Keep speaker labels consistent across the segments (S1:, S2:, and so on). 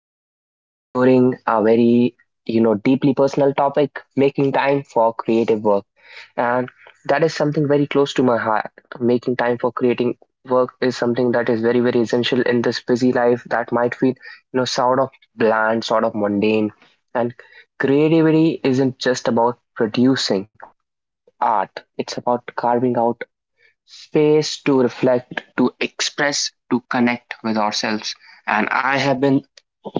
S1: Today we are exploring a very, deeply personal topic, making time for creative work. And that is something very close to my heart. Making time for creating work is something that is very, very essential in this busy life that might feel, sort of bland, sort of mundane. And creativity isn't just about producing art, it's about carving out space to reflect, to express, to connect with ourselves. And I have been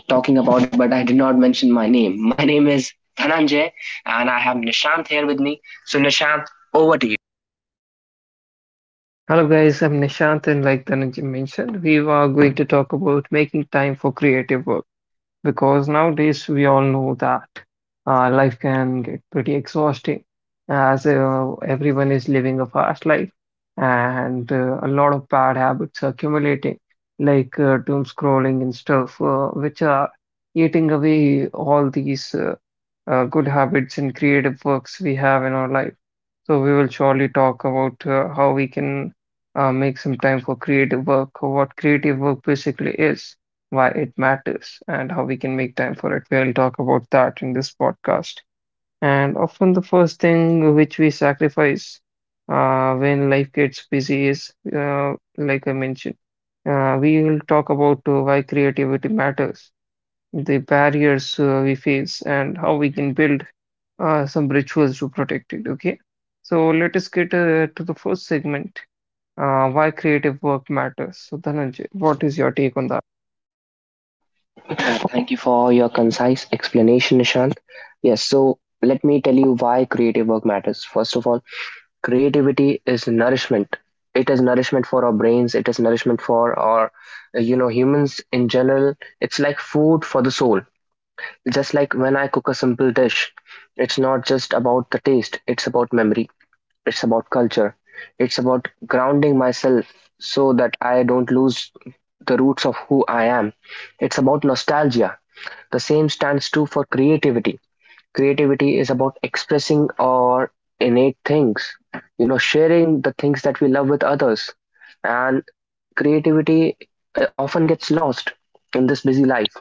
S1: talking about it, but I did not mention my name. My name is Dhananjay, and I have Nishant here with me. So, Nishant, over to you.
S2: Hello guys, I'm Nishant and like Dhananjay mentioned, we are going to talk about making time for creative work because nowadays we all know that life can get pretty exhausting as everyone is living a fast life and a lot of bad habits are accumulating, like doom scrolling and stuff, which are eating away all these good habits and creative works we have in our life. So we will surely talk about how we can make some time for creative work, or what creative work basically is, why it matters, and how we can make time for it. We'll talk about that in this podcast. And often, the first thing which we sacrifice when life gets busy is, like I mentioned, we will talk about why creativity matters, the barriers we face, and how we can build some rituals to protect it. Okay, so let us get to the first segment. Why creative work matters. So, Dhananjay, what is your take on that?
S1: Uh, Thank you for your concise explanation, Nishant. Yes, so let me tell you why creative work matters. First of all, creativity is nourishment. It is nourishment for our brains, it is nourishment for our, humans in general. It's like food for the soul. Just like when I cook a simple dish, it's not just about the taste, it's about memory, it's about culture, it's about grounding myself so that I don't lose the roots of who I am. It's about nostalgia. The same stands true for creativity. Creativity is about expressing our innate things, sharing the things that we love with others. And creativity often gets lost in this busy life.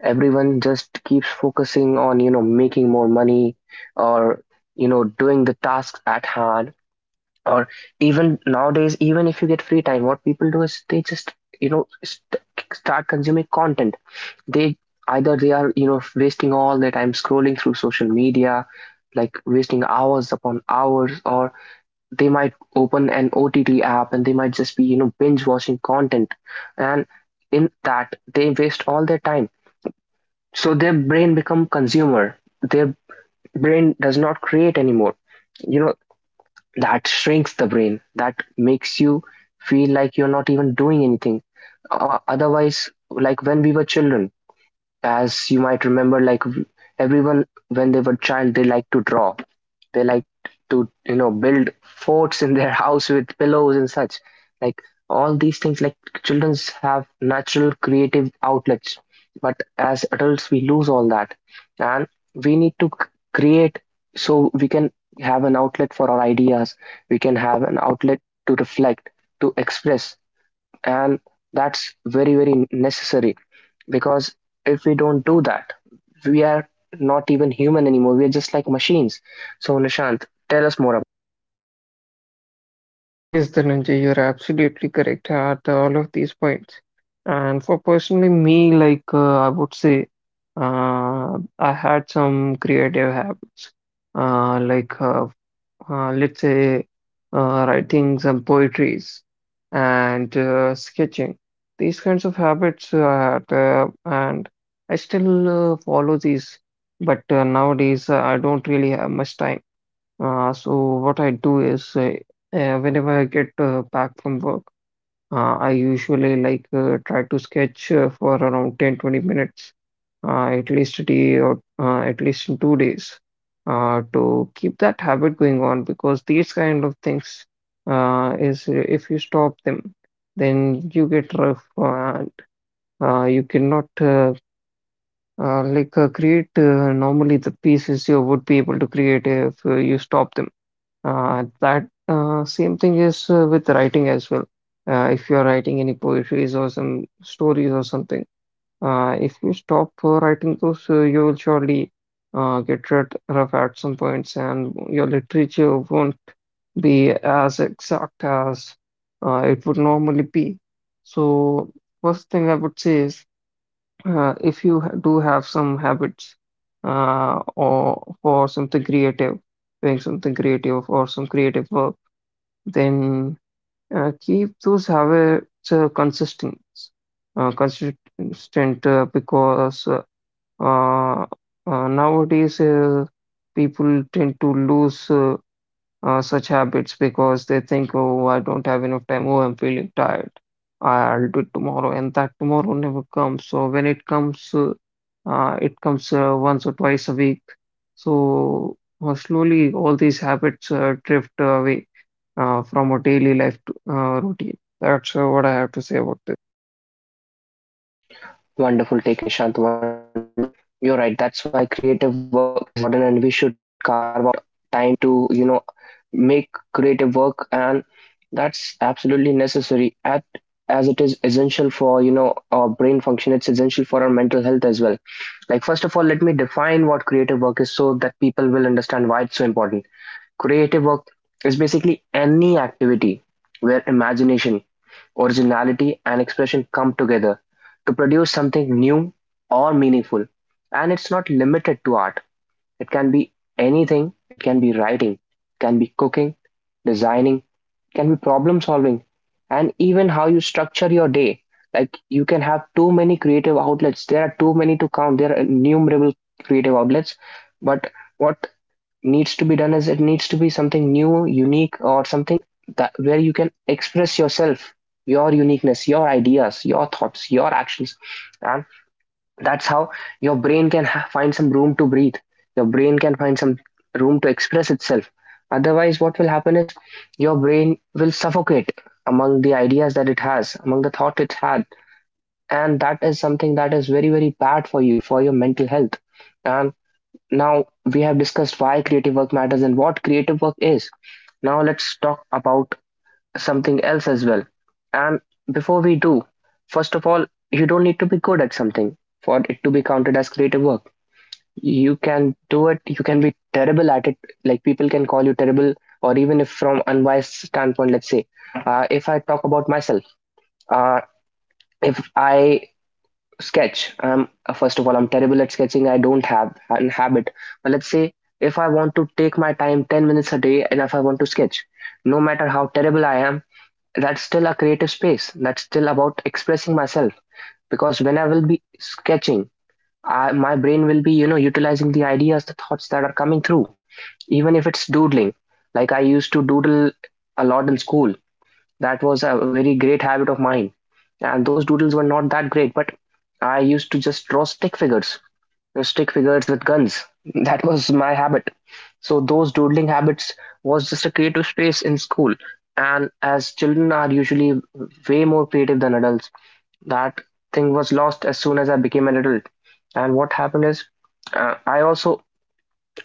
S1: Everyone just keeps focusing on, you know, making more money, or, you know, doing the tasks at hand, or even nowadays, even if you get free time, what people do is they just you know st- start consuming content. They, either they are, you know, wasting all their time scrolling through social media, like wasting hours upon hours, or they might open an OTT app and they might just be, you know, binge watching content, and in that they waste all their time. So their brain become consumer, their brain does not create anymore, you know. That shrinks the brain, that makes you feel like you're not even doing anything. Otherwise, like when we were children, as you might remember, everyone when they were child, they like to draw, they like to, you know, build forts in their house with pillows and such. Like all these things, like childrens have natural creative outlets, but as adults we lose all that. And we need to create, so we can have an outlet for our ideas, we can have an outlet to reflect, to express. And that's very, very necessary, because if we don't do that, we are not even human anymore, we are just like machines. So, Nishant, tell us more about.
S2: Yes, Dhananjay, you're absolutely correct at all of these points. And for personally me, like I would say, I had some creative habits, uh, like uh, let's say writing some poetries and sketching. These kinds of habits I had, and I still follow these, but nowadays I don't really have much time. So what I do is whenever I get back from work, I usually like try to sketch for around 10, 20 minutes at least a day or at least in 2 days to keep that habit going on because these kind of things is if you stop them then you get rough and you cannot create normally the pieces you would be able to create if you stop them and that same thing is with writing as well. If you're writing any poetries or some stories or something, if you stop writing those, you will surely get rid rough at some points, and your literature won't be as exact as it would normally be. So, first thing I would say is if you do have some habits or for something creative, doing something creative or some creative work, then keep those habits consistent, because uh, nowadays people tend to lose such habits because they think, oh, I don't have enough time. Oh, I'm feeling tired. I'll do it tomorrow. And that tomorrow never comes. So when it comes once or twice a week. So slowly, all these habits drift away from our daily life to, routine. That's what I have to say about
S1: Wonderful take, Nishant, wonderful take. You're right, that's why creative work is important, and we should carve out time to, you know, make creative work, and that's absolutely necessary at, as it is essential for, you know, our brain function. It's essential for our mental health as well. Like, first of all, let me define what creative work is so that people will understand why it's so important. Creative work is basically any activity where imagination, originality, and expression come together to produce something new or meaningful. And it's not limited to art, it can be anything, it can be writing, it can be cooking, designing, can be problem solving, and even how you structure your day. Like, you can have too many creative outlets, there are too many to count, there are innumerable creative outlets. But what needs to be done is, it needs to be something new, unique, or something that, where you can express yourself, your uniqueness, your ideas, your thoughts, your actions. And that's how your brain can find some room to breathe. Your brain can find some room to express itself. Otherwise, what will happen is your brain will suffocate among the ideas that it has, among the thought it had. And that is something that is very, very bad for you, for your mental health. And now we have discussed why creative work matters and what creative work is. Now let's talk about something else as well. And before we do, first of all, you don't need to be good at something for it to be counted as creative work. You can do it, you can be terrible at it. Like, people can call you terrible, or even if from unwise standpoint, let's say, if I talk about myself, uh, if I sketch, first of all, I'm terrible at sketching. I don't have an habit. But let's say if I want to take my time 10 minutes a day and if I want to sketch, no matter how terrible I am, that's still a creative space. That's still about expressing myself, because when I will be sketching, my brain will be, you know, utilizing the ideas, the thoughts that are coming through, even if it's doodling. Like, I used to doodle a lot in school. That was a very great habit of mine. And those doodles were not that great, but I used to just draw stick figures, stick figures with guns. That was my habit. So those doodling habits was just a creative space in school. And as children are usually way more creative than adults, that thing was lost as soon as I became an adult. And what happened is, I also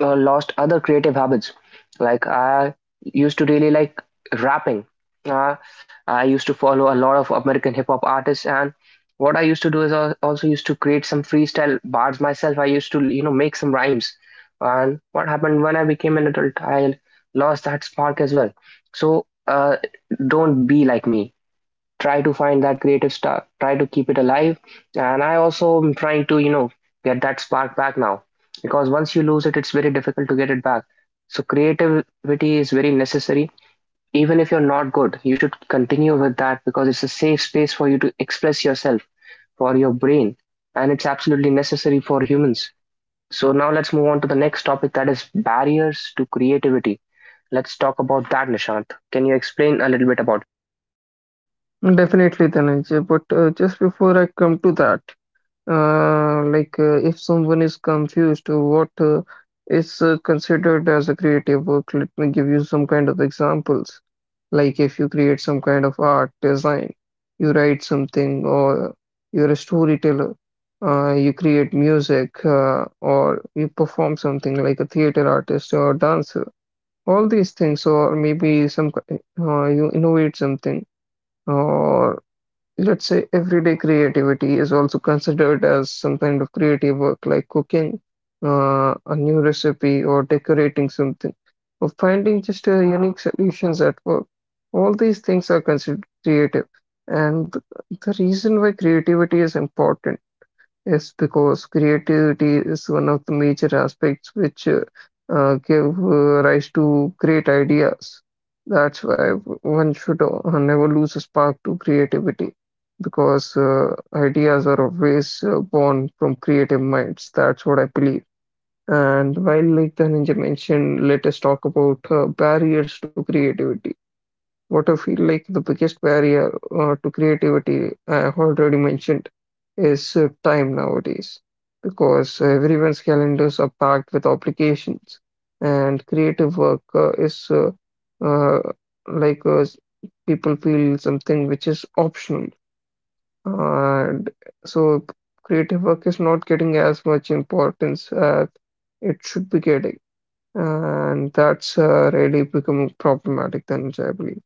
S1: lost other creative habits. Like, I used to really like rapping. Uh, I used to follow a lot of American hip hop artists, and what I used to do is, I also used to create some freestyle bars myself. I used to, you know, make some rhymes. And what happened when I became an adult, I lost that spark as well. So don't be like me. Try to find that creative spark, try to keep it alive. And I also am trying to, you know, get that spark back now, because once you lose it, it's very difficult to get it back. So creativity is very necessary. Even if you're not good, you should continue with that, because it's a safe space for you to express yourself, for your brain, and it's absolutely necessary for humans. So now let's move on to the next topic, that is barriers to creativity. Let's talk about that, Nishant. Can you explain a little bit about.
S2: this. Definitely, Dhananjay. But just before I come to that, like if someone is confused, what is considered as a creative work? Let me give you some kind of examples. Like if you create some kind of art, design, you write something, or you're a storyteller, you create music, or you perform something like a theater artist or dancer. All these things, or maybe you innovate something, or let's say everyday creativity is also considered as some kind of creative work, like cooking a new recipe or decorating something or finding just unique solutions at work. All these things are considered creative. And the reason why creativity is important, yes, because creativity is one of the major aspects which give rise to great ideas. That's why one should never lose a spark to creativity because ideas are always born from creative minds. That's what I believe. And while, like the ninja mentioned, let us talk about barriers to creativity. What I feel like the biggest barrier to creativity, I have already mentioned, is time nowadays, because everyone's calendars are packed with obligations, and creative work is uh, like s- people feel something which is optional, and so creative work is not getting as much importance as it should be getting, and that's really becoming problematic then, which I believe.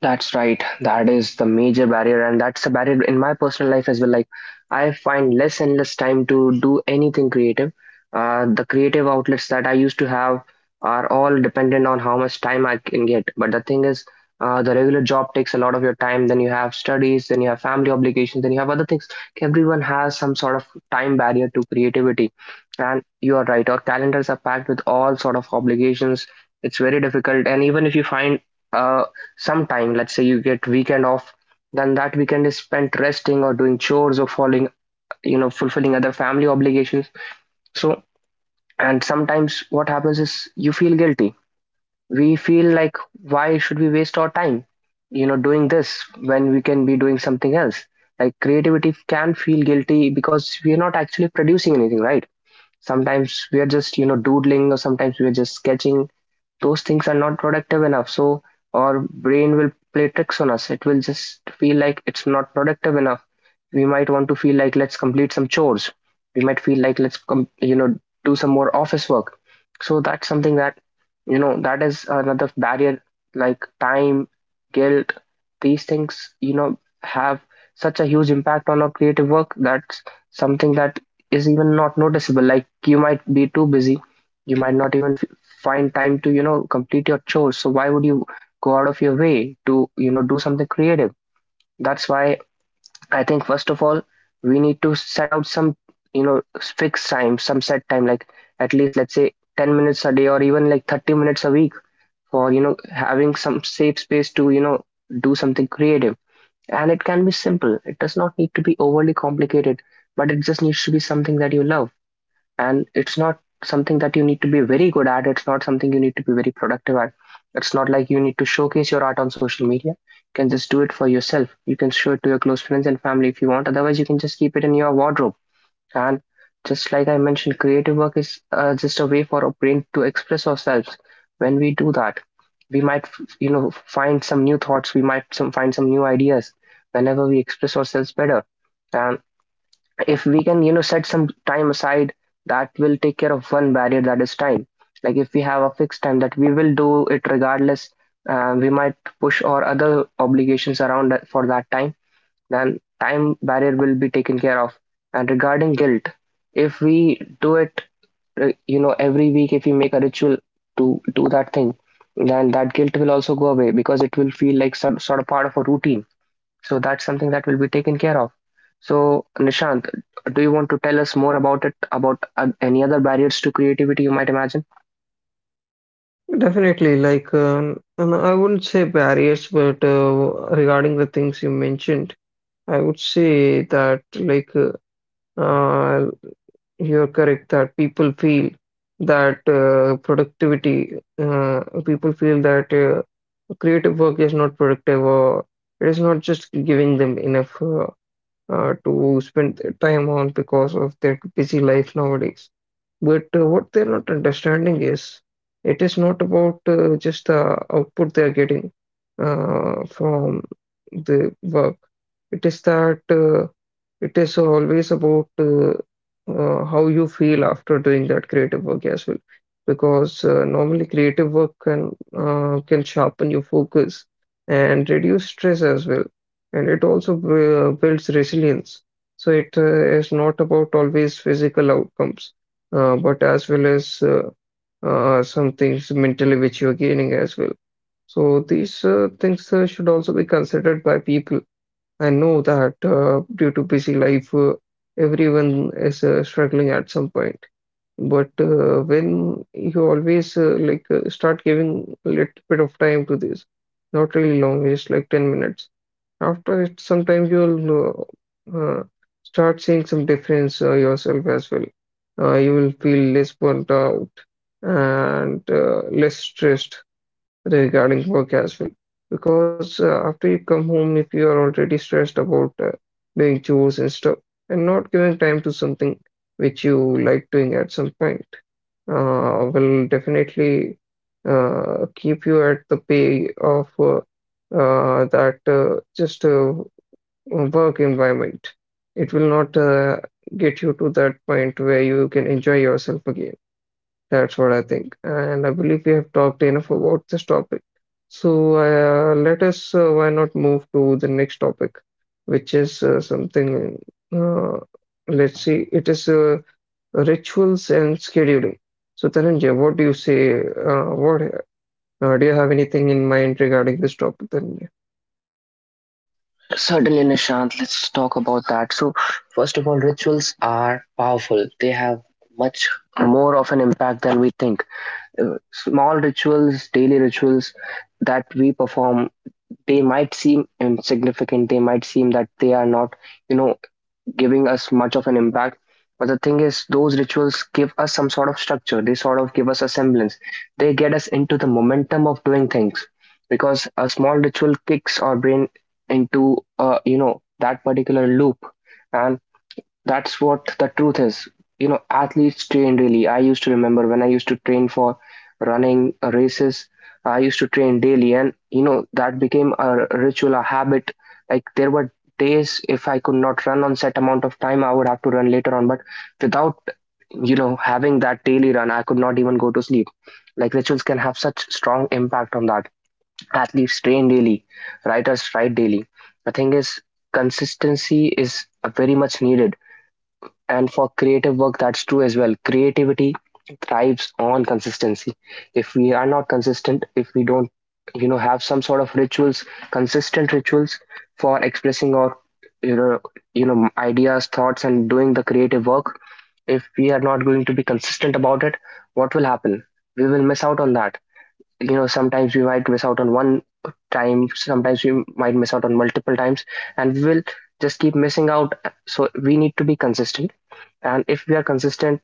S1: That's right. That is the major barrier, and that's a barrier in my personal life as well. Like, I find less and less time to do anything creative. The creative outlets that I used to have are all dependent on how much time I can get. But the thing is, the regular job takes a lot of your time. Then you have studies, then you have family obligations, then you have other things. Everyone has some sort of time barrier to creativity, and you are right. Our calendars are packed with all sort of obligations. It's very difficult, and even if you find uh, some time, let's say you get weekend off, then that weekend is spent resting or doing chores or following, you know, fulfilling other family obligations. So, and sometimes what happens is, you feel guilty. We feel like, why should we waste our time, you know, doing this when we can be doing something else. Like, creativity can feel guilty because we are not actually producing anything, right? Sometimes we are just, you know, doodling, or sometimes we are just sketching. Those things are not productive enough. So our brain will play tricks on us. It will just feel like it's not productive enough. We might want to feel like, let's complete some chores. We might feel like, you know, do some more office work. So that's something that, you know, that is another barrier, like time, guilt. These things, you know, have such a huge impact on our creative work. That's something that is even not noticeable. Like, you might be too busy, you might not even find time to, you know, complete your chores. So why would you go out of your way to, you know, do something creative? That's why, I think, first of all, we need to set out some, you know, fixed time, some set time, like at least let's say 10 minutes a day or even like 30 minutes a week for, you know, having some safe space to, you know, do something creative. And it can be simple. It does not need to be overly complicated, but it just needs to be something that you love, and it's not something that you need to be very good at. It's not something you need to be very productive at. It's not like you need to showcase your art on social media. You can just do it for yourself. You can show it to your close friends and family if you want. Otherwise, you can just keep it in your wardrobe. And just like I mentioned, creative work is just a way for our brain to express ourselves. When we do that, we might, you know, find some new thoughts. We might find some new ideas whenever we express ourselves better. And if we can, you know, set some time aside, that will take care of one barrier, that is time. Like, if we have a fixed time that we will do it regardless, we might push our other obligations around that for that time. Then time barrier will be taken care of. And regarding guilt, if we do it, you know, every week, if we make a ritual to do that thing, then that guilt will also go away because it will feel like sort of part of a routine. So that's something that will be taken care of. So, Nishant, do you want to tell us more about it, about any other barriers to creativity you might imagine?
S2: Definitely, like and I wouldn't say barriers, but regarding the things you mentioned, I would say that like uh, you're correct that that uh, productivity, uh, people feel that creative work is not productive, or it is not just giving them enough to spend their time on because of their busy life nowadays. But what they're not understanding is, it is not about just the output they're getting from the work. It is that it is always about how you feel after doing that creative work as well. Because normally creative work can sharpen your focus and reduce stress as well, and it also builds resilience. So it is not about always physical outcomes, but as well as some things mentally which you are gaining as well. So these things should also be considered by people. I know that due to busy life, everyone is struggling at some point. But when you always start giving a little bit of time to this, not really long, just like 10 minutes after it, sometimes you'll uh, uh, start seeing some difference yourself as well. You will feel less burnt out and less stressed regarding work as well. Because after you come home, if you are already stressed about doing chores and stuff and not giving time to something which you like doing at some point, will definitely keep you at the pay of that just work environment. It will not get you to that point where you can enjoy yourself again. That's what I think. And I believe we have talked enough about this topic. So let us, why not move to the next topic, which is something, uh, let's see, it is rituals and scheduling. So Dhananjay, what do you say? What do you have anything in mind regarding this topic, Dhananjay?
S1: Certainly, Nishant, let's talk about that. So, first of all, rituals are powerful. They have much more of an impact than we think. Small rituals, daily rituals that we perform, they might seem insignificant. They might seem that they are not, you know, giving us much of an impact. But the thing is, those rituals give us some sort of structure. They sort of give us a semblance. They get us into the momentum of doing things because a small ritual kicks our brain into, you know, that particular loop. And that's what the truth is. You know, athletes train daily. I used to remember when I used to train for running races, I used to train daily, and you know, that became a ritual, a habit. Like, there were days if I could not run on set amount of time, I would have to run later on. But without, you know, having that daily run, I could not even go to sleep. Like, rituals can have such strong impact on that. Athletes train daily, writers write daily. The thing is, consistency is very much needed, and for creative work that's true as well. Creativity thrives on consistency. If we are not consistent, if we don't, you know, have some sort of rituals, consistent rituals, for expressing our, you know, you know, ideas, thoughts, and doing the creative work, if we are not going to be consistent about it, what will happen? We will miss out on that, you know. Sometimes we might miss out on one time, sometimes we might miss out on multiple times, and we will just keep missing out. So we need to be consistent. And if we are consistent,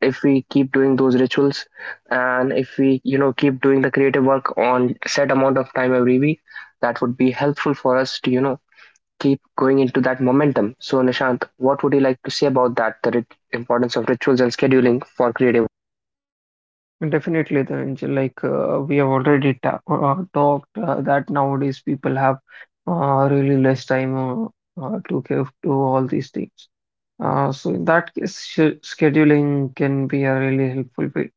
S1: if we keep doing those rituals, and if we, you know, keep doing the creative work on set amount of time every week, that would be helpful for us to, you know, keep going into that momentum. So, Nishant, what would you like to say about that, the importance of rituals and scheduling for creative?
S2: Definitely, Dhananjay. Like we have already ta talked that nowadays people have really less time to give to all these things. So in that case, scheduling can be a really helpful way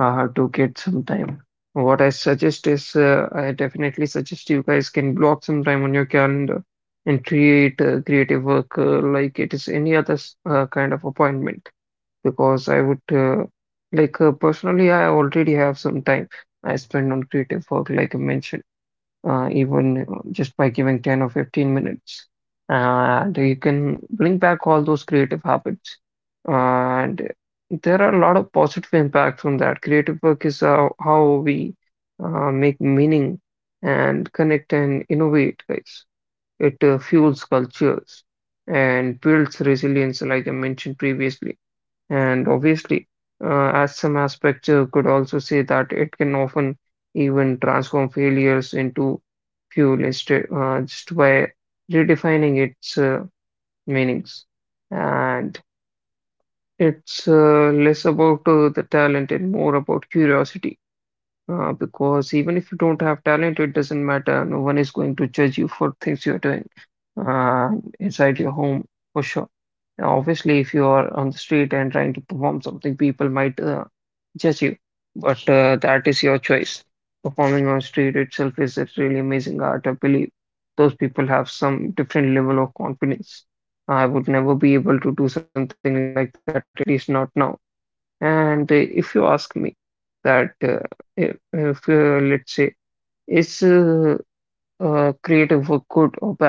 S2: to get some time. What I suggest is, I definitely suggest you guys can block some time on your calendar and create creative work like it is any other kind of appointment, because I would personally, I already have some time I spend on creative work, like I mentioned, even just by giving 10 or 15 minutes. And you can bring back all those creative habits. And there are a lot of positive impact from that. Creative work is how we make meaning and connect and innovate, guys. It fuels cultures and builds resilience, like I mentioned previously. And obviously, as some aspects could also say that it can often even transform failures into fuel instead, just by redefining its meanings. And it's less about the talent and more about curiosity. Because even if you don't have talent, it doesn't matter. No one is going to judge you for things you're doing uh, inside your home for sure. Now, obviously, if you are on the street and trying to perform something, people might judge you, but that is your choice. Performing on street itself is a really amazing art. I believe those people have some different level of confidence. I would never be able to do something like that, at least not now. And if you ask me that, if let's say, is creative work good or bad?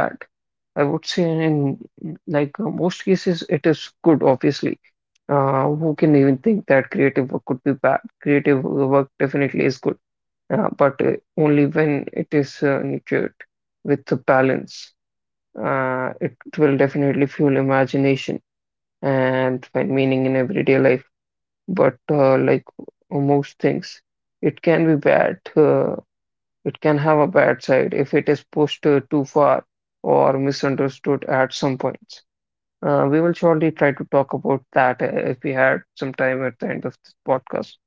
S2: I would say in like most cases it is good, obviously. Who can even think that creative work could be bad? Creative work definitely is good, but only when it is nurtured with the balance. It will definitely fuel imagination and find meaning in everyday life. But like most things, it can be bad. It can have a bad side if it is pushed too far or misunderstood at some points. We will surely try to talk about that if we had some time at the end of this podcast.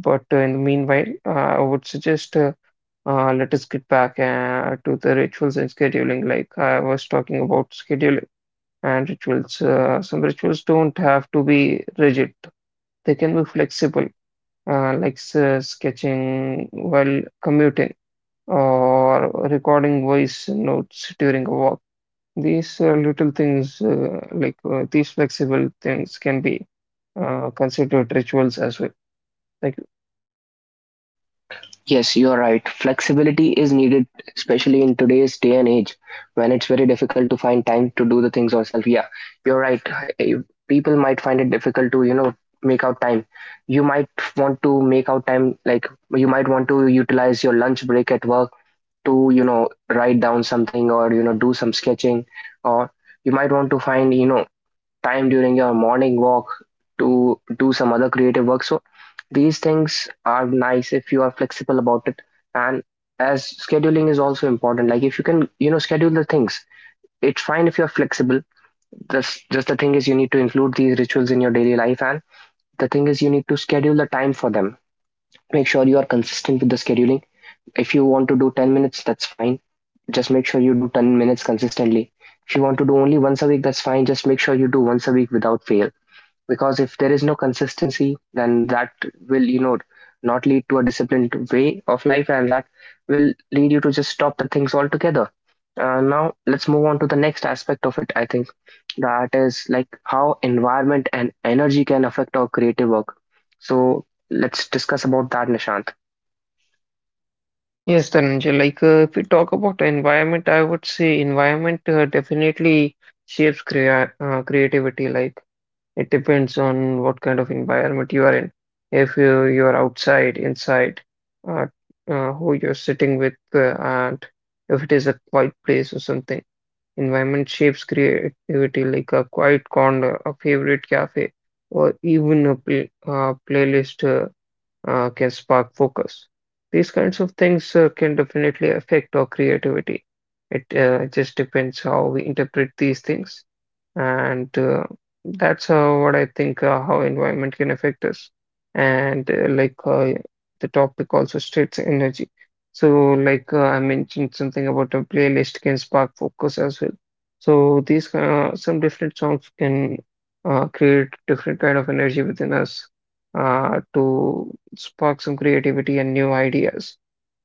S2: But in the meanwhile, I would suggest let us get back to the rituals and scheduling. Like I was talking about scheduling and rituals. Some rituals don't have to be rigid, they can be flexible, like sketching while commuting or recording voice notes during a walk. These little things, like these flexible things, can be considered rituals as well. Like,
S1: Yes, you are right. Flexibility is needed, especially in today's day and age when it's very difficult to find time to do the things yourself. Yeah, you're right. Eh, People might find it difficult to, you know, make out time. You might want to make out time, like, you might want to utilize your lunch break at work to, you know, write down something, or, you know, do some sketching, or you might want to find, you know, time during your morning walk to do some other creative work. So these things are nice if you are flexible about it. And as scheduling is also important, like if you can, you know, schedule the things, it's fine if you're flexible. Just the thing is, you need to include these rituals in your daily life. And the thing is, you need to schedule the time for them. Make sure you are consistent with the scheduling. If you want to do 10 minutes, that's fine. Just make sure you do 10 minutes consistently. If you want to do only once a week, that's fine. Just make sure you do once a week without fail, because if there is no consistency, then that will, you know, not lead to a disciplined way of life, and that will lead you to just stop the things altogether. Now let's move on to the next aspect of it. I think that is like how environment and energy can affect our creative work. So let's discuss about that, Nishant.
S2: yes, Dhananjay, like if we talk about environment, I would say environment definitely shapes creativity. Like, it depends on what kind of environment you are in. If you are outside, inside, uh, who you're sitting with, and if it is a quiet place or something. Environment shapes creativity, like a quiet corner, a favorite cafe, or even a playlist can spark focus. These kinds of things can definitely affect our creativity. It just depends how we interpret these things, and that's what I think how environment can affect us. And like The topic also states energy. So like I mentioned something about a playlist can spark focus as well. So these some different songs can create different kind of energy within us to spark some creativity and new ideas.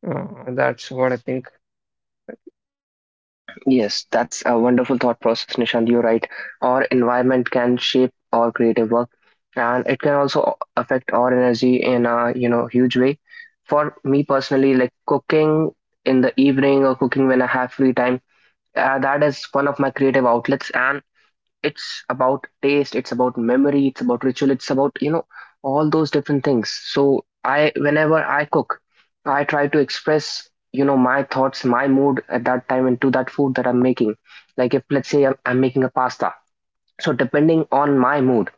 S2: That's what I think.
S1: Yes, that's a wonderful thought process, Nishant. You're right. Our environment can shape our creative work, and it can also affect our energy in a, you know, huge way. For me personally, like cooking in the evening or cooking when I have free time, that is one of my creative outlets, and it's about taste, it's about memory, it's about ritual, it's about, you know, all those different things. So I, whenever I cook, I try to express, you know, my thoughts, my mood at that time into that food that I'm making. Like, if let's say I'm making a pasta, so depending on my mood,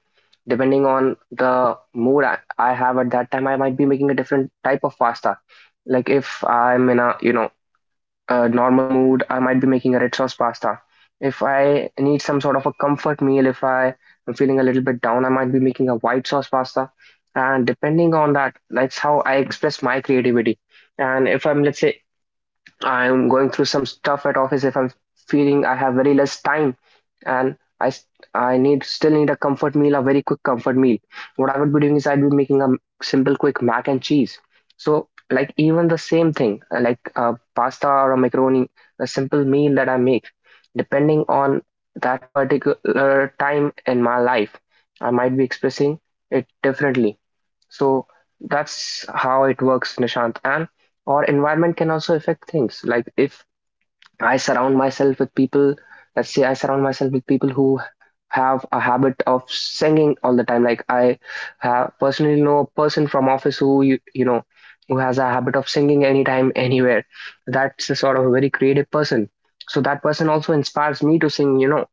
S1: depending on the mood I have at that time, I might be making a different type of pasta. Like if I'm in a, you know, a normal mood, I might be making a red sauce pasta. If I need some sort of a comfort meal, if I am feeling a little bit down, I might be making a white sauce pasta. And depending on that, that's how I express my creativity. And if I'm, let's say, I'm going through some stuff at office, if I'm feeling I have very less time, and I need still need a comfort meal, a very quick comfort meal. What I would be doing is I'd be making a simple quick mac and cheese. So like even the same thing, like a pasta or a macaroni, a simple meal that I make, depending on that particular time in my life, I might be expressing it differently. So that's how it works, Nishant. And our environment can also affect things. Like if I surround myself with people, let's say I surround myself with people who have a habit of singing all the time. Like I have personally know a person from office who you know, who has a habit of singing anytime, anywhere. That's a sort of a very creative person. So that person also inspires me to sing, you know,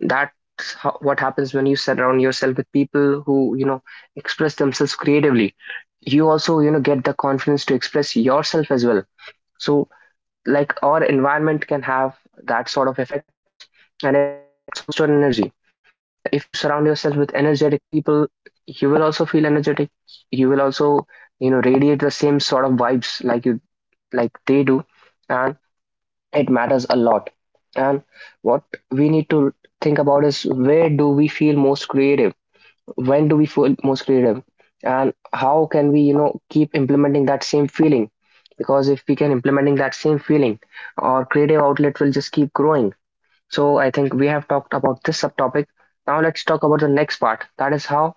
S1: that's what happens when you surround yourself with people who, you know, express themselves creatively. You also, you know, get the confidence to express yourself as well. So, like, our environment can have that sort of effect on us, and it can also boost our energy. If you surround yourself with energetic people, you will also feel energetic. You will also, you know, radiate the same sort of vibes like you like they do, and it matters a lot. And what we need to think about is, where do we feel most creative? When do we feel most creative? And how can we, you know, keep implementing that same feeling? Because if we can implementing that same feeling, our creative outlet will just keep growing. So I think we have talked about this subtopic. Now let's talk about the next part. That is, how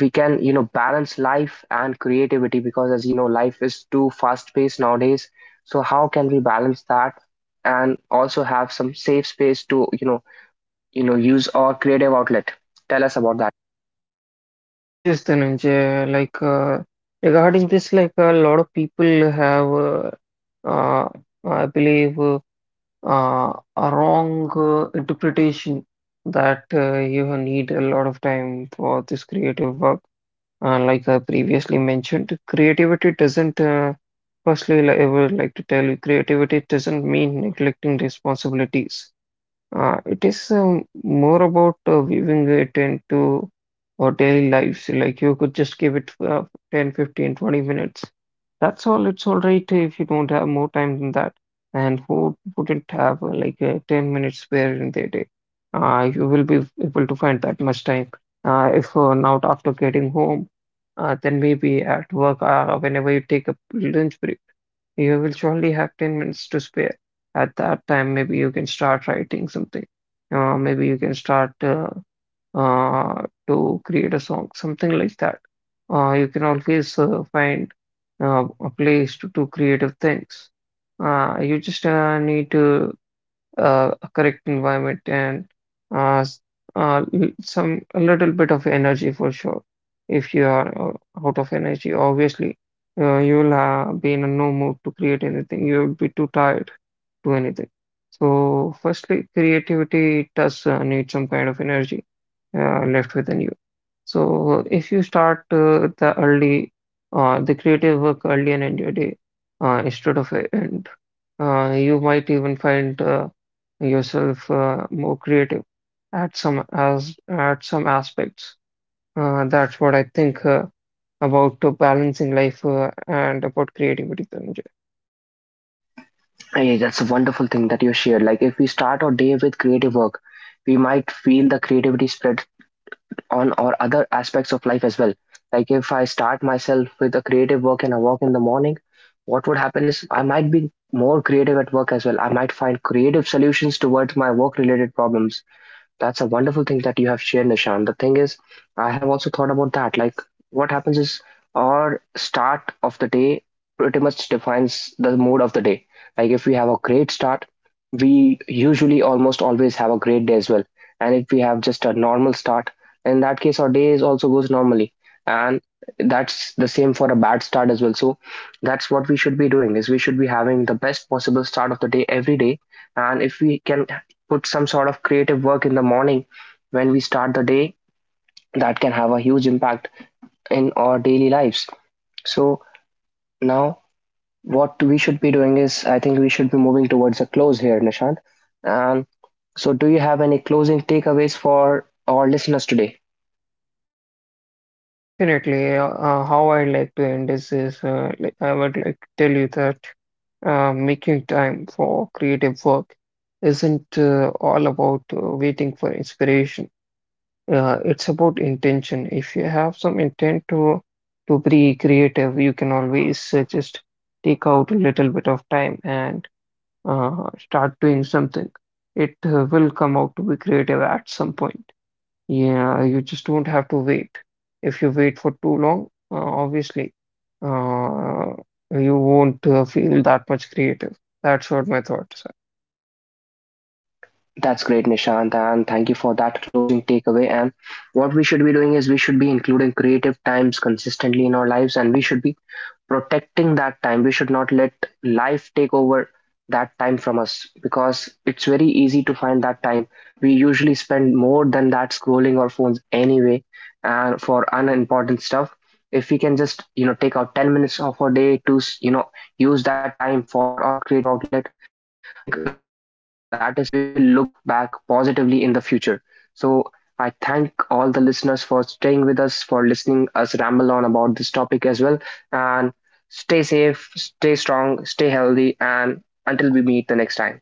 S1: we can, you know, balance life and creativity, because as you know, life is too fast-paced nowadays. So how can we balance that and also have some safe space to, you know, use our creative outlet? Tell us about that.
S2: Yes, Dhananjay, like regarding this, like a lot of people have, uh, I believe, a wrong interpretation that you need a lot of time for this creative work. Like I previously mentioned, creativity doesn't, firstly, like, I would like to tell you, creativity doesn't mean neglecting responsibilities. It is more about weaving it into our daily lives. Like you could just give it 10, 15, 20 minutes. That's all. It's all right if you don't have more time than that. And who wouldn't have 10 minutes spare in their day? You will be able to find that much time. If not after getting home, then maybe at work, whenever you take a lunch break. You will surely have 10 minutes to spare. At that time, maybe you can start writing something. Maybe you can start to create a song, something like that. You can always find a place to do creative things. You just need to a correct environment and uh, s- some a little bit of energy for sure. If you are out of energy, obviously, you will be in a no mood to create anything. You will be too tired to do anything. So, firstly, creativity does need some kind of energy left within you. So, if you start the creative work early and in your day, instead of you might even find yourself more creative at some as at some aspects. That's what I think about balancing life and about creativity, Dhananjay.
S1: Hey, that's a wonderful thing that you shared. Like if we start our day with creative work, we might feel the creativity spread on or other aspects of life as well. Like if I start myself with a creative work and I work in the morning, what would happen is I might be more creative at work as well. I might find creative solutions towards my work related problems. That's a wonderful thing that you have shared, Nishan. The thing is, I have also thought about that. Like, what happens is, our start of the day pretty much defines the mood of the day. Like, if we have a great start, we usually almost always have a great day as well. And if we have just a normal start, in that case, our days also goes normally. And that's the same for a bad start as well. So that's what we should be doing, is we should be having the best possible start of the day every day. And if we can put some sort of creative work in the morning when we start the day, that can have a huge impact in our daily lives. So now what we should be doing is, I think we should be moving towards a close here, Nishant. Um, so, do you have any closing takeaways for our listeners today?
S2: Definitely, how I like to end this is like I would like to tell you that making time for creative work isn't all about waiting for inspiration. Yeah, it's about intention. If you have some intent to be creative, you can always just take out a little bit of time and start doing something. It will come out to be creative at some point. Yeah, you just don't have to wait. If you wait for too long, obviously, uh, you won't feel that much creative. That's what my thoughts
S1: That's great, Nishant, and thank you for that closing takeaway. And what we should be doing is we should be including creative times consistently in our lives, and we should be protecting that time. We should not let life take over that time from us, because it's very easy to find that time. We usually spend more than that scrolling our phones anyway, and for unimportant stuff. If we can just, you know, take out 10 minutes of our day to, you know, use that time for our creative outlet, I think that is something we will look back positively in the future. So I thank all the listeners for staying with us, for listening us ramble on about this topic as well. And stay safe, stay strong, stay healthy, and until we meet the next time.